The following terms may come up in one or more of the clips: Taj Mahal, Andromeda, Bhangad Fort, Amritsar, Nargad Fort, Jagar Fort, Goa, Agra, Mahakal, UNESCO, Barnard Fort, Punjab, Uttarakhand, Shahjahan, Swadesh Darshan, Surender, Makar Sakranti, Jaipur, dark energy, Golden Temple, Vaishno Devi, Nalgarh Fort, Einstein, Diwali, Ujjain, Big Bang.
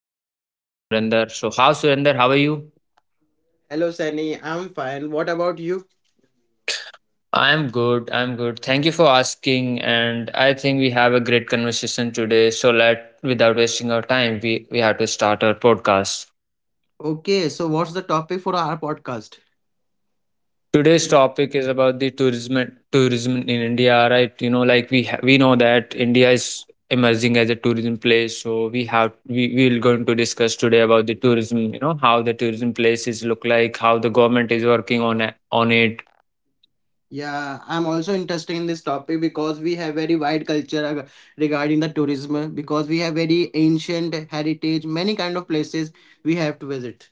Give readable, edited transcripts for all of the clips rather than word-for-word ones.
me, we have a Surender. So, how Surender? How are you? Hello, Sunny. I'm fine. What about you? I'm good. I'm good. Thank you for asking. And I think we have a great conversation today. So, let without wasting our time, we have to start our podcast. Okay, so what's the topic for our podcast? Today's topic is about the tourism in India, right? You know, like we know that India is emerging as a tourism place, so we have we will going to discuss today about the tourism. You know, how the tourism places look like, how the government is working on it. Yeah, I'm also interested in this topic because we have very wide culture regarding the tourism because we have very ancient heritage, many kind of places we have to visit.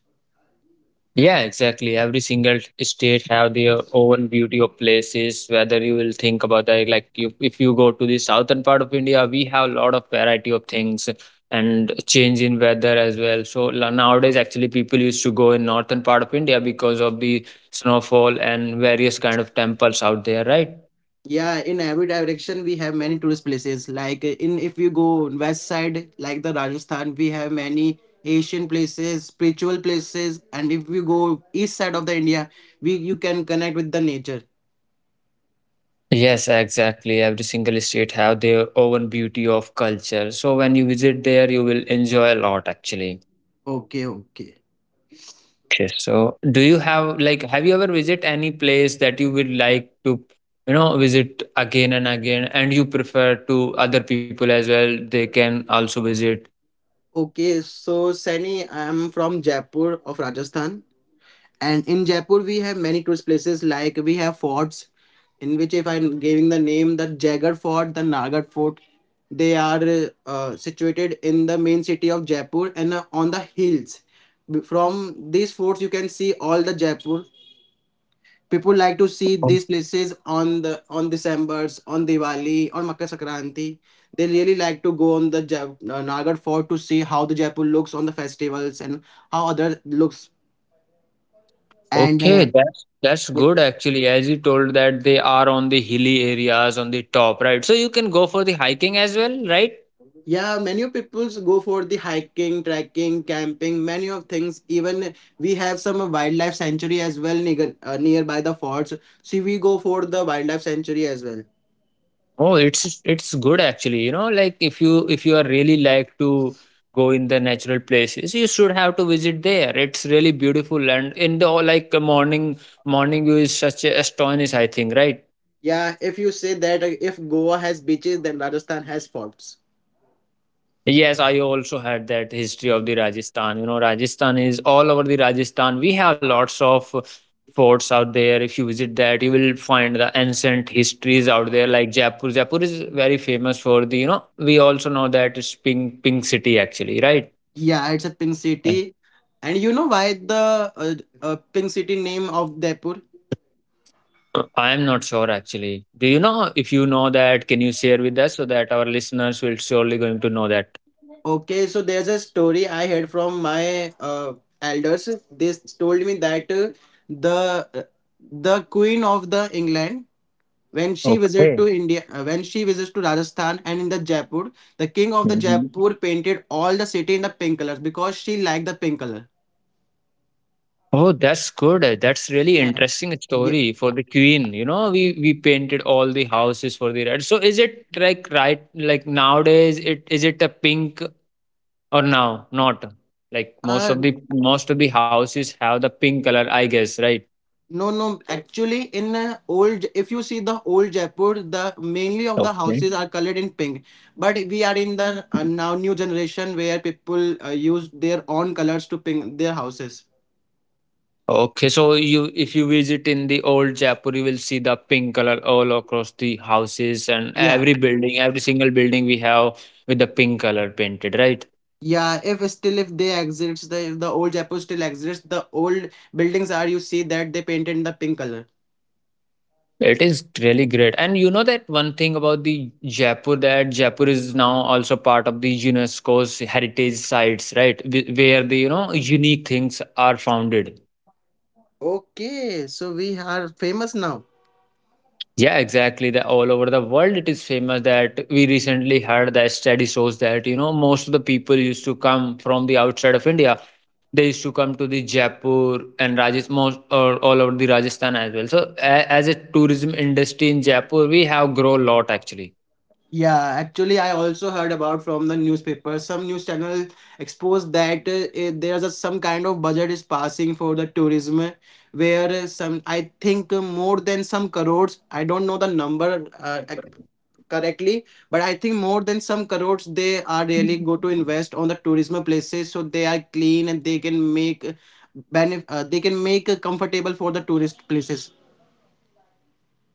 Yeah, exactly. Every single state have their own beauty of places. Whether you will think about that, like you, if you go to the southern part of India, we have a lot of variety of things and change in weather as well. So nowadays, actually, people used to go in northern part of India because of the snowfall and various kind of temples out there, right? Yeah, in every direction we have many tourist places. Like in if you go on west side, like the Rajasthan, we have many Asian places, spiritual places, and if you go east side of the India, we you can connect with the nature. Yes, exactly. Every single state have their own beauty of culture. So when you visit there, you will enjoy a lot, actually. Okay, okay. Okay, so do you have like have you ever visit any place that you would like to visit again and again and you prefer to other people as well they can also visit? Okay, so Sunny, I'm from Jaipur of Rajasthan, and in Jaipur we have many tourist places like we have forts, in which if I'm giving the name, the Jagar Fort, the Nargad Fort, they are situated in the main city of Jaipur and on the hills. From these forts, you can see all the Jaipur, people like to see Oh. these places on the on December's, on Diwali, on Makar Sakranti. They really like to go on the Nalgarh Fort to see how the Jaipur looks on the festivals and how other looks. And Okay, that's good actually. As you told that they are on the hilly areas on the top, right? So you can go for the hiking as well, right? yeah, many of peoples go for the hiking, trekking, camping, many of things. Even we have some wildlife sanctuary as well nearby the forts. So we go for the wildlife sanctuary as well. Oh, it's good actually. You know, like if you are really like to go in the natural places, you should have to visit there. It's really beautiful, and in the like morning view is such a astonish, I think, right. Yeah, if you say that if Goa has beaches, then Rajasthan has forts. Yes, I also had that history of the Rajasthan. You know, Rajasthan is all over the Rajasthan. We have lots of forts out there. If you visit that, you will find the ancient histories out there, like Jaipur. Jaipur is very famous for the. We also know that it's pink city actually, right? Yeah, it's a pink Uh, city. And you know why the pink city name of Jaipur? I am not sure actually. Do you know? If you know that, can you share with us so that our listeners will surely going to know that? Okay, so there's a story I heard from my elders. They told me that the uh, the queen of the England when she visited Okay. to India, when she visits to Rajasthan and in the Jaipur, the king of the Mhm. Jaipur painted all the city in the pink colors because she liked the pink color. Oh, that's good. That's really Uh, interesting yeah. story for the queen. You know, we painted all the houses for the red. So is it like, right, like nowadays, it is it a pink or now not? Like most Uh, of the most of the houses have the pink color, I guess, right? No, no. Actually, in old, if you see the old Jaipur, the mainly of the Okay. houses are colored in pink. But we are in the now new generation where people use their own colors to paint their houses. Okay, so you if you visit in the old Jaipur, you will see the pink color all across the houses and Yeah, every building, every single building we have with the pink color painted, right? yeah. If still if they exist, the if the old Jaipur still exists. The old buildings are you see that they painted in the pink color. It is really great. And you know that one thing about the Jaipur that Jaipur is now also part of the UNESCO's heritage sites, right? Where the unique things are founded. Okay, so we are famous now. Yeah, exactly. The all over the world it is famous that we recently heard the study shows that most of the people used to come from the outside of India. They used to come to the Jaipur and Rajasthan, most or all over the Rajasthan as well. So as a tourism industry in Jaipur, we have grown a lot actually. Yeah, actually, I also heard about from the newspaper. Some news channel exposed that there's some kind of budget is passing for the tourism, where some I think more than some crores. I don't know the number correctly, but I think more than some crores they are really go to invest on the tourism places, so they are clean and they can make benefit. They can make comfortable for the tourist places.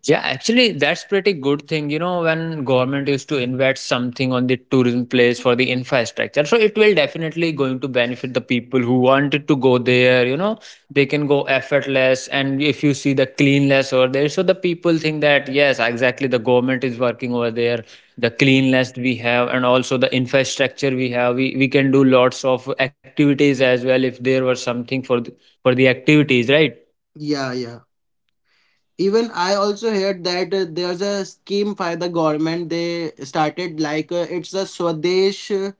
Yeah, actually, that's pretty good thing. You know, when government used to invest something on the tourism place for the infrastructure, so it will definitely going to benefit the people who wanted to go there. You know, they can go effortless, and if you see the cleanliness over there, so the people think that yes, exactly, the government is working over there. The cleanliness we have, and also the infrastructure we have, we can do lots of activities as well if there was something for the activities, right? Yeah, yeah. Even I also heard that there's a scheme by the government. They started like it's a Swadesh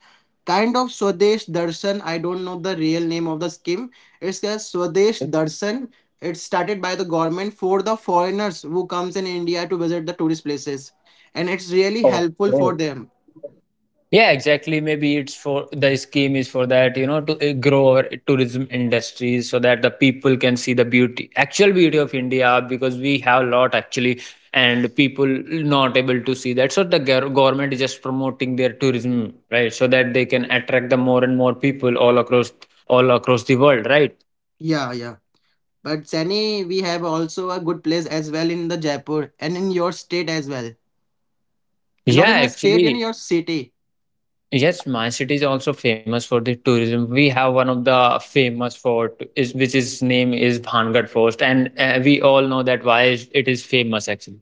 kind of Swadesh Darshan. I don't know the real name of the scheme. It's a Swadesh Darshan. It's started by the government for the foreigners who comes in India to visit the tourist places, and it's really Oh. helpful for Okay. them. Yeah, exactly. Maybe it's for the scheme is for that, you know, to grow our tourism industries so that the people can see the beauty, actual beauty of India, because we have a lot actually, and people not able to see that. So the government is just promoting their tourism, right? So that they can attract the more and more people all across the world, right? Yeah, yeah. But Chennai, we have also a good place as well in the Jaipur and in your state as well, and Yeah, not in your state, in actually, your city. yes, my city is also famous for the tourism. We have one of the famous fort, is which is name is Bhangad Fort, and we all know that why it is famous actually.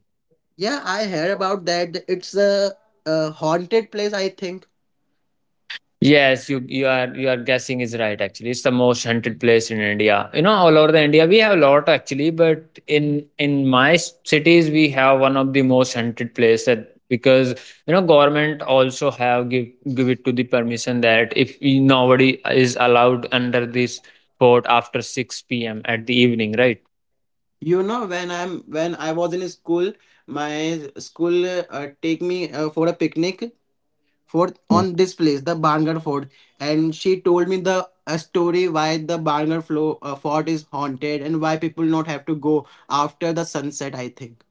Yeah, I heard about that. It's a haunted place, I think. Yes, you are guessing is right actually. It's the most hunted place in India. You know, all over the India we have a lot actually, but in my cities we have one of the most hunted place that because government also have give it to the permission that if nobody is allowed under this fort after 6 p.m. at the evening, right? You know, when I was in school, my school take me for a picnic for on this place, the Barnard Fort, and she told me the a story why the Barnard Fort is haunted and why people not have to go after the sunset. I think.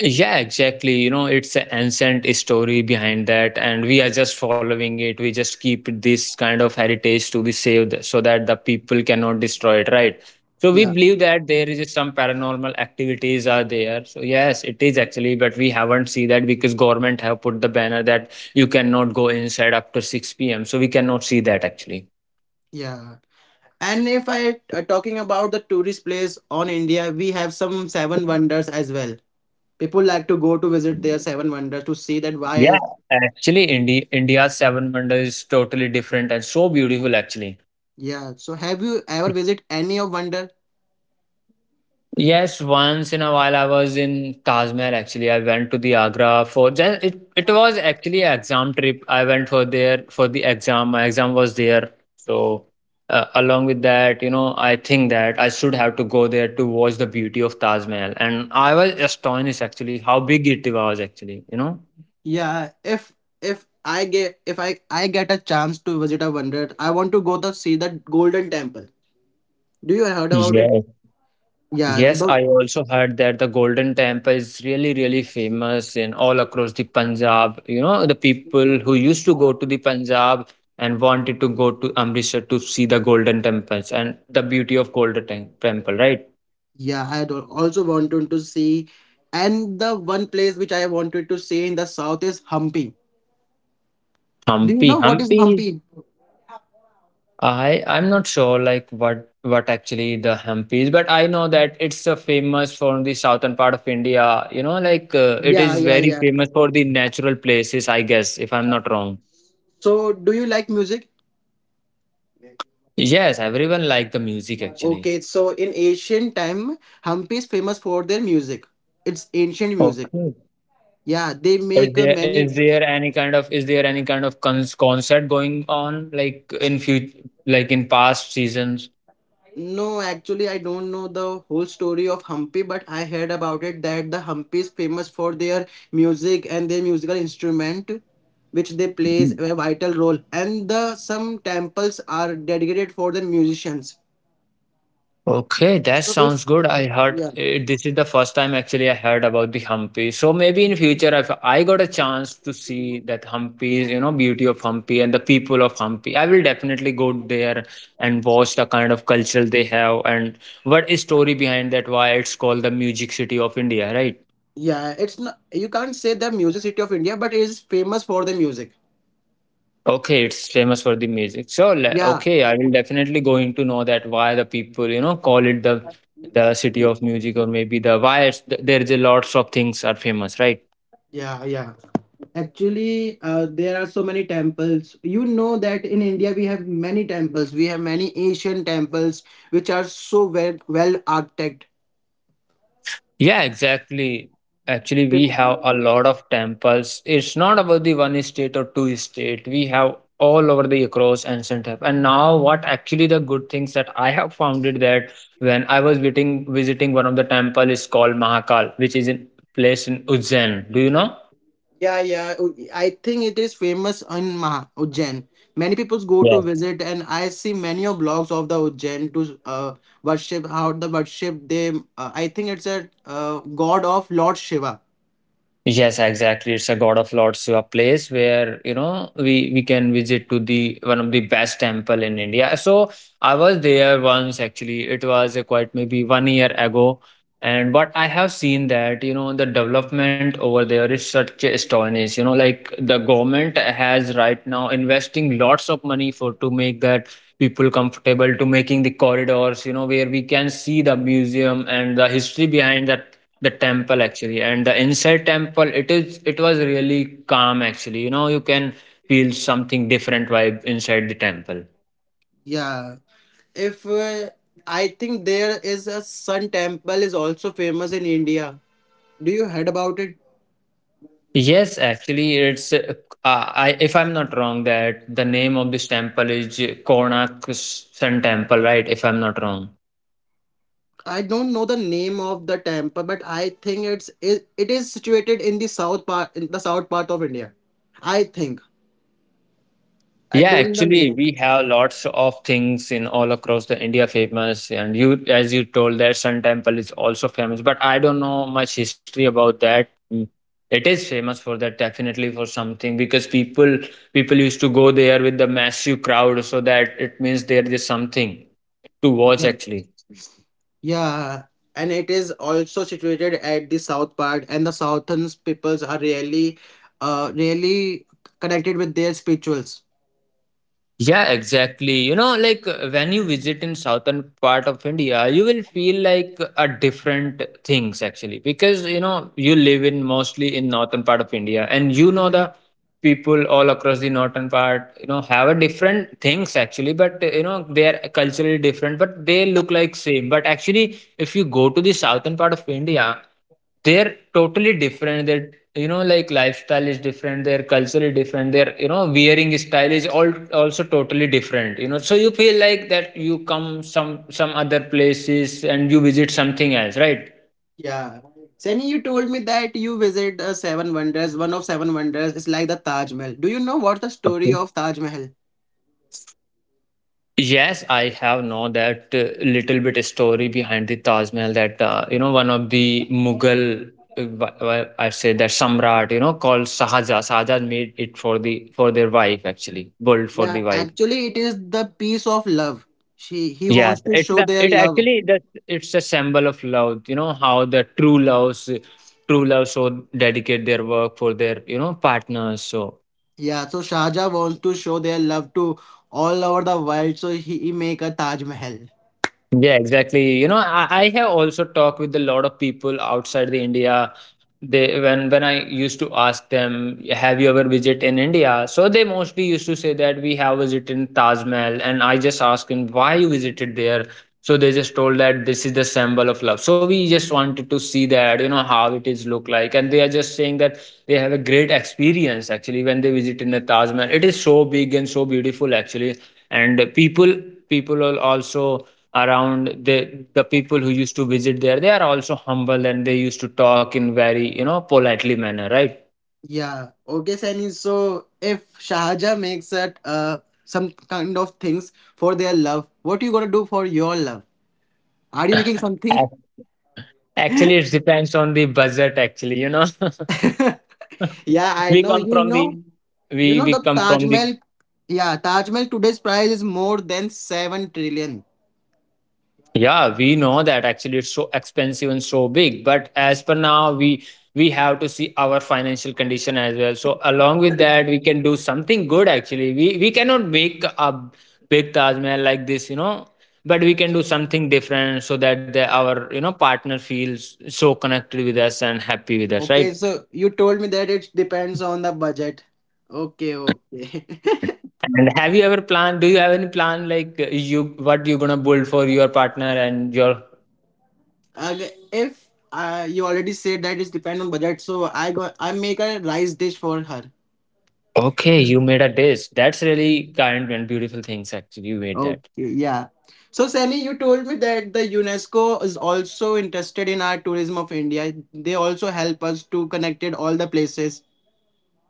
Yeah, exactly. You know, it's an ancient story behind that, and we are just following it. We just keep this kind of heritage to be saved so that the people cannot destroy it, right? So we Yeah. believe that there is some paranormal activities are there. So yes, it is actually, but we haven't see that because government have put the banner that you cannot go inside after 6 p.m. So we cannot see that actually. Yeah. And if I talking about the tourist place on India, we have some seven wonders as well. People like to go to visit their seven wonders to see that why. Yeah, Is- actually, India's seven wonders is totally different and so beautiful actually. Yeah. So have you ever visit any of wonder? Yes, once in a while I was in Taj Mahal actually. I went to the Agra for just it was actually an exam trip. I went for there for the exam. My exam was there. So along with that, you know, I think that I should have to go there to watch the beauty of Taj Mahal. And I was astonished actually how big it was actually, you know. Yeah. If if I get if I I get a chance to visit a wonder, I want to go to see the Golden Temple. Do you heard about it? Yes. Yeah. Yes, the- I also heard that the Golden Temple is really, really famous in all across the Punjab. You know, the people who used to go to the Punjab and wanted to go to Amritsar to see the Golden Temples and the beauty of Golden Temple, right? yeah. I do- also wanted to see, and the one place which I wanted to see in the south is Hampi. Do you Hampi, know what is Hampi. Hampi? I'm not sure like what actually the Hampi is, but I know that it's a famous from the southern part of India. You know, like it Yeah. is Yeah. very Yeah. famous for the natural places, I guess, if I'm not wrong. So do you like music? Yes, everyone like the music actually. Okay, so in ancient time, Hampi is famous for their music. It's ancient music. Okay. Yeah, they Is make there many. is there any kind of cons concert going on like in future like in past seasons? No, actually, I don't know the whole story of Hampi, but I heard about it that the Hampi is famous for their music and their musical instrument, which they plays a vital role. And the some temples are dedicated for the musicians. Okay, that So sounds it's good. I heard yeah, this is the first time actually I heard about the Hampi. So maybe in future, if I got a chance to see that Hampi's, beauty of Hampi and the people of Hampi, I will definitely go there and watch the kind of culture they have and what is story behind that, why it's called the Music City of India, right? yeah. It's not you can't say the music city of India, but it is famous for the music. Okay, it's famous for the music. So, Yeah, okay, I will definitely going to know that why the people, call it the city of music or maybe the why it's, there is a lots of things are famous, right? yeah, yeah. Actually, there are so many temples. You know that in India we have many temples. We have many Asian temples which are so well well architected. Yeah, exactly. Actually, Pe- we have a lot of temples. It's not about the one state or two state. We have all over the across ancient have. And now, what actually the good things that I have found it that when I was visiting one of the temple is called Mahakal, which is in place in Ujjain. Do you know? yeah, yeah. I think it is famous in Maha, Ujjain. Many people go to visit, and I see many of blogs of the Ujjain to uh, worship how the worship they. I think it's a uh, god of Lord Shiva. Yes, exactly. It's a God of Lords, so a place where we can visit to the one of the best temple in India. So I was there once actually. It was quite maybe one year ago, and but I have seen that the development over there is such astonishing. You know, like the government has right now investing lots of money for to make that people comfortable to making the corridors. You know, where we can see the museum and the history behind that the temple actually, and the inside temple, it was really calm actually, you can feel something different vibe inside the temple. Yeah. If I think there is a sun temple is also famous in India. Do you heard about it? Yes, actually, it's if I'm not wrong, that the name of this temple is Konak Sun Temple, right, if I'm not wrong. I don't know the name of the temple, but I think it's it, it is situated in the south part in the south part of India. I think. I Yeah, don't know the actually, name. we have lots of things in all across the India famous, and you, as you told, that Sun Temple is also famous. But I don't know much history about that. Mm. It is famous for that, definitely for something, because people used to go there with the massive crowd, so that it means there is something to watch Yeah. actually. Yeah, and it is also situated at the south part, and the southern peoples are really connected with their spirituals. Yeah, exactly. You know, when you visit in southern part of India, you will feel like a different things actually because you know you live in mostly in northern part of India, and you know the people all across the northern part, you know, have a different things actually. But you know, they are culturally different but they look like same, but actually if you go to the southern part of India, they're totally different. Their, you know, like lifestyle is different, their culture is different, their, you know, wearing style is all also totally different, you know. So you feel like that you come some other places and you visit something else, right? Yeah. Sani, you told me that you visit Seven Wonders. One of Seven Wonders is like the Taj Mahal. Do you know what the story Okay. of Taj Mahal? Yes, I have know that little bit story behind the Taj Mahal, that you know, one of the Mughal I say that Samrat, you know, called Sahaja made it for the for their wife, actually built for Yeah, the wife. actually, it is the piece of love. She he Yeah, wants to it show their it love. actually that it's a symbol of love. You know how the true loves, true love so dedicate their work for their, you know, partners. So Yeah, so Shahjahan wants to show their love to all over the world. So he make a Taj Mahal. yeah, exactly. You know, I have also talked with a lot of people outside the India. They, when I used to ask them, "Have you ever visited in India?" So they mostly used to say that we have visited in Taj Mahal, and I just asked him why you visited there. So they just told that this is the symbol of love. So we just wanted to see that, you know, how it is look like, and they are just saying that they have a great experience actually when they visit in the Taj Mahal. It is so big and so beautiful actually, and people are also around the people who used to visit there. They are also humble and they used to talk in very, you know, politely manner, right? Yeah. Okay, Sani. So if Shahjahan makes it some kind of things for their love, what you gonna do for your love? Are you making something? Ac- actually it depends on the budget actually, you know. Yeah, I We know. come You from the, know. we You know we the come from Taj the Mahal, yeah, Taj Mahal today's price is more than 7 trillion. yeah, we know that actually it's so expensive and so big, but as per now, we have to see our financial condition as well. So along with that, we can do something good actually. We cannot make a big Taj Mahal like this, you know, but we can do something different so that the, our, you know, partner feels so connected with us and happy with us, Okay, right? so you told me that it depends on the budget. Okay, okay. And have you ever planned? Do you have any plan like you what you're gonna build for your partner and your Ag- if you already said that it's depend on budget, so I make a rice dish for her. okay, you made a dish. That's really kind and beautiful things actually you made that. Okay, yeah. So Sani, you told me that the UNESCO is also interested in our tourism of India. They also help us to connected all the places.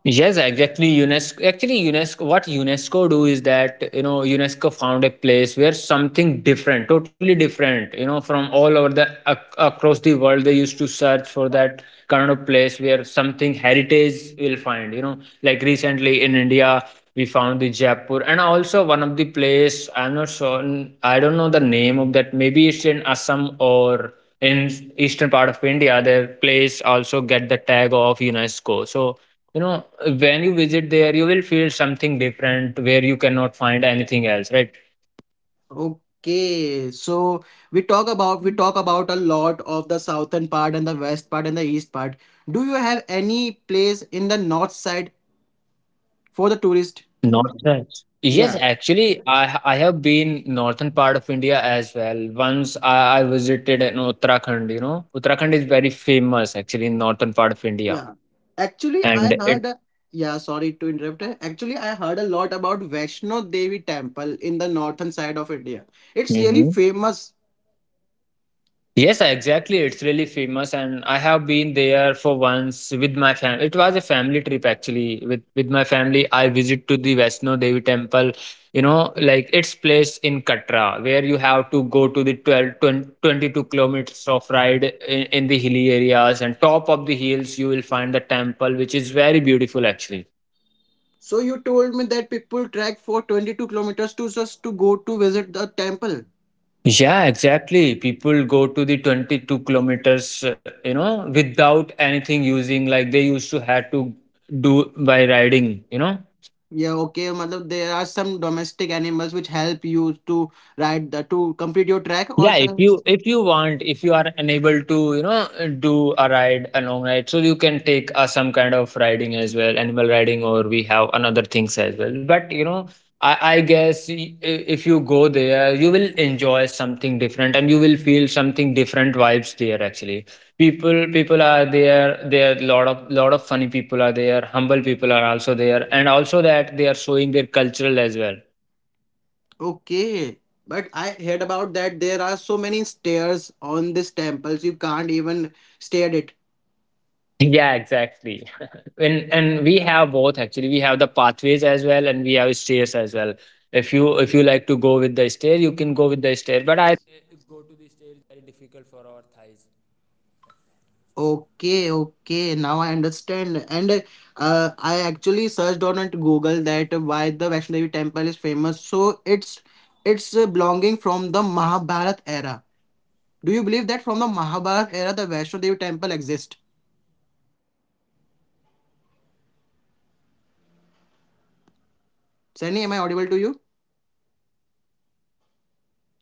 Yes, exactly. UNESCO, actually UNESCO, what UNESCO do is that, you know, UNESCO found a place where something different, totally different, you know, from all over the ac across the world. They used to search for that kind of place where something heritage will find, you know, like recently in India, we found the Jaipur, and also one of the place I'm not sure, I don't know the name of that. Maybe it's in Assam or in eastern part of India. Their place also get the tag of UNESCO. So you know, when you visit there, you will feel something different where you cannot find anything else, right? Okay, so we talk about a lot of the southern part and the west part and the east part. Do you have any place in the north side for the tourist? Not that. Yes, Yeah, actually, I have been northern part of India as well. Once I visited in Uttarakhand, you know. Uttarakhand is very famous actually in northern part of India. yeah. Actually, I And heard it a, yeah, sorry to interrupt. Actually, I heard a lot about Vaishno Devi temple in the northern side of India. It's really mhm. famous. Yes, exactly. It's really famous, and I have been there for once with my family. It was a family trip actually. With my family, I visit to the Vaishno Devi temple. You know, like its place in Katra, where you have to go to the 12, 20, 22 kilometers of ride in the hilly areas, and top of the hills you will find the temple, which is very beautiful actually. So you told me that people trek for 22 kilometers to just to go to visit the temple. Yeah, exactly. People go to the 22 kilometers, you know, without anything using like they used to had to do by riding, you know. Yeah, okay. Matlab, there are some domestic animals which help you to ride the, to complete your track or Yeah, some. If you want, if you are unable to, you know, do a ride, a long ride, so you can take some kind of riding as well, animal riding, or we have another things as well. But you know, I guess if you go there, you will enjoy something different, and you will feel something different vibes there. Actually, people are there. There are lot of funny people are there. Humble people are also there, and also that they are showing their cultural as well. Okay. But I heard about that there are so many stairs on these temples you can't even stay at it. Yeah, exactly. And we have both actually. We have the pathways as well, and we have stairs as well. If you like to go with the stair, you can go with the stair. But Okay, okay. Now I understand. And I actually searched on it Google that why the Vaishno Devi temple is famous. So it's belonging from the Mahabharata era. Do you believe that from the Mahabharata era the Vaishno Devi temple exists? Sunny, am I audible to you?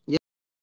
Yes, Annie.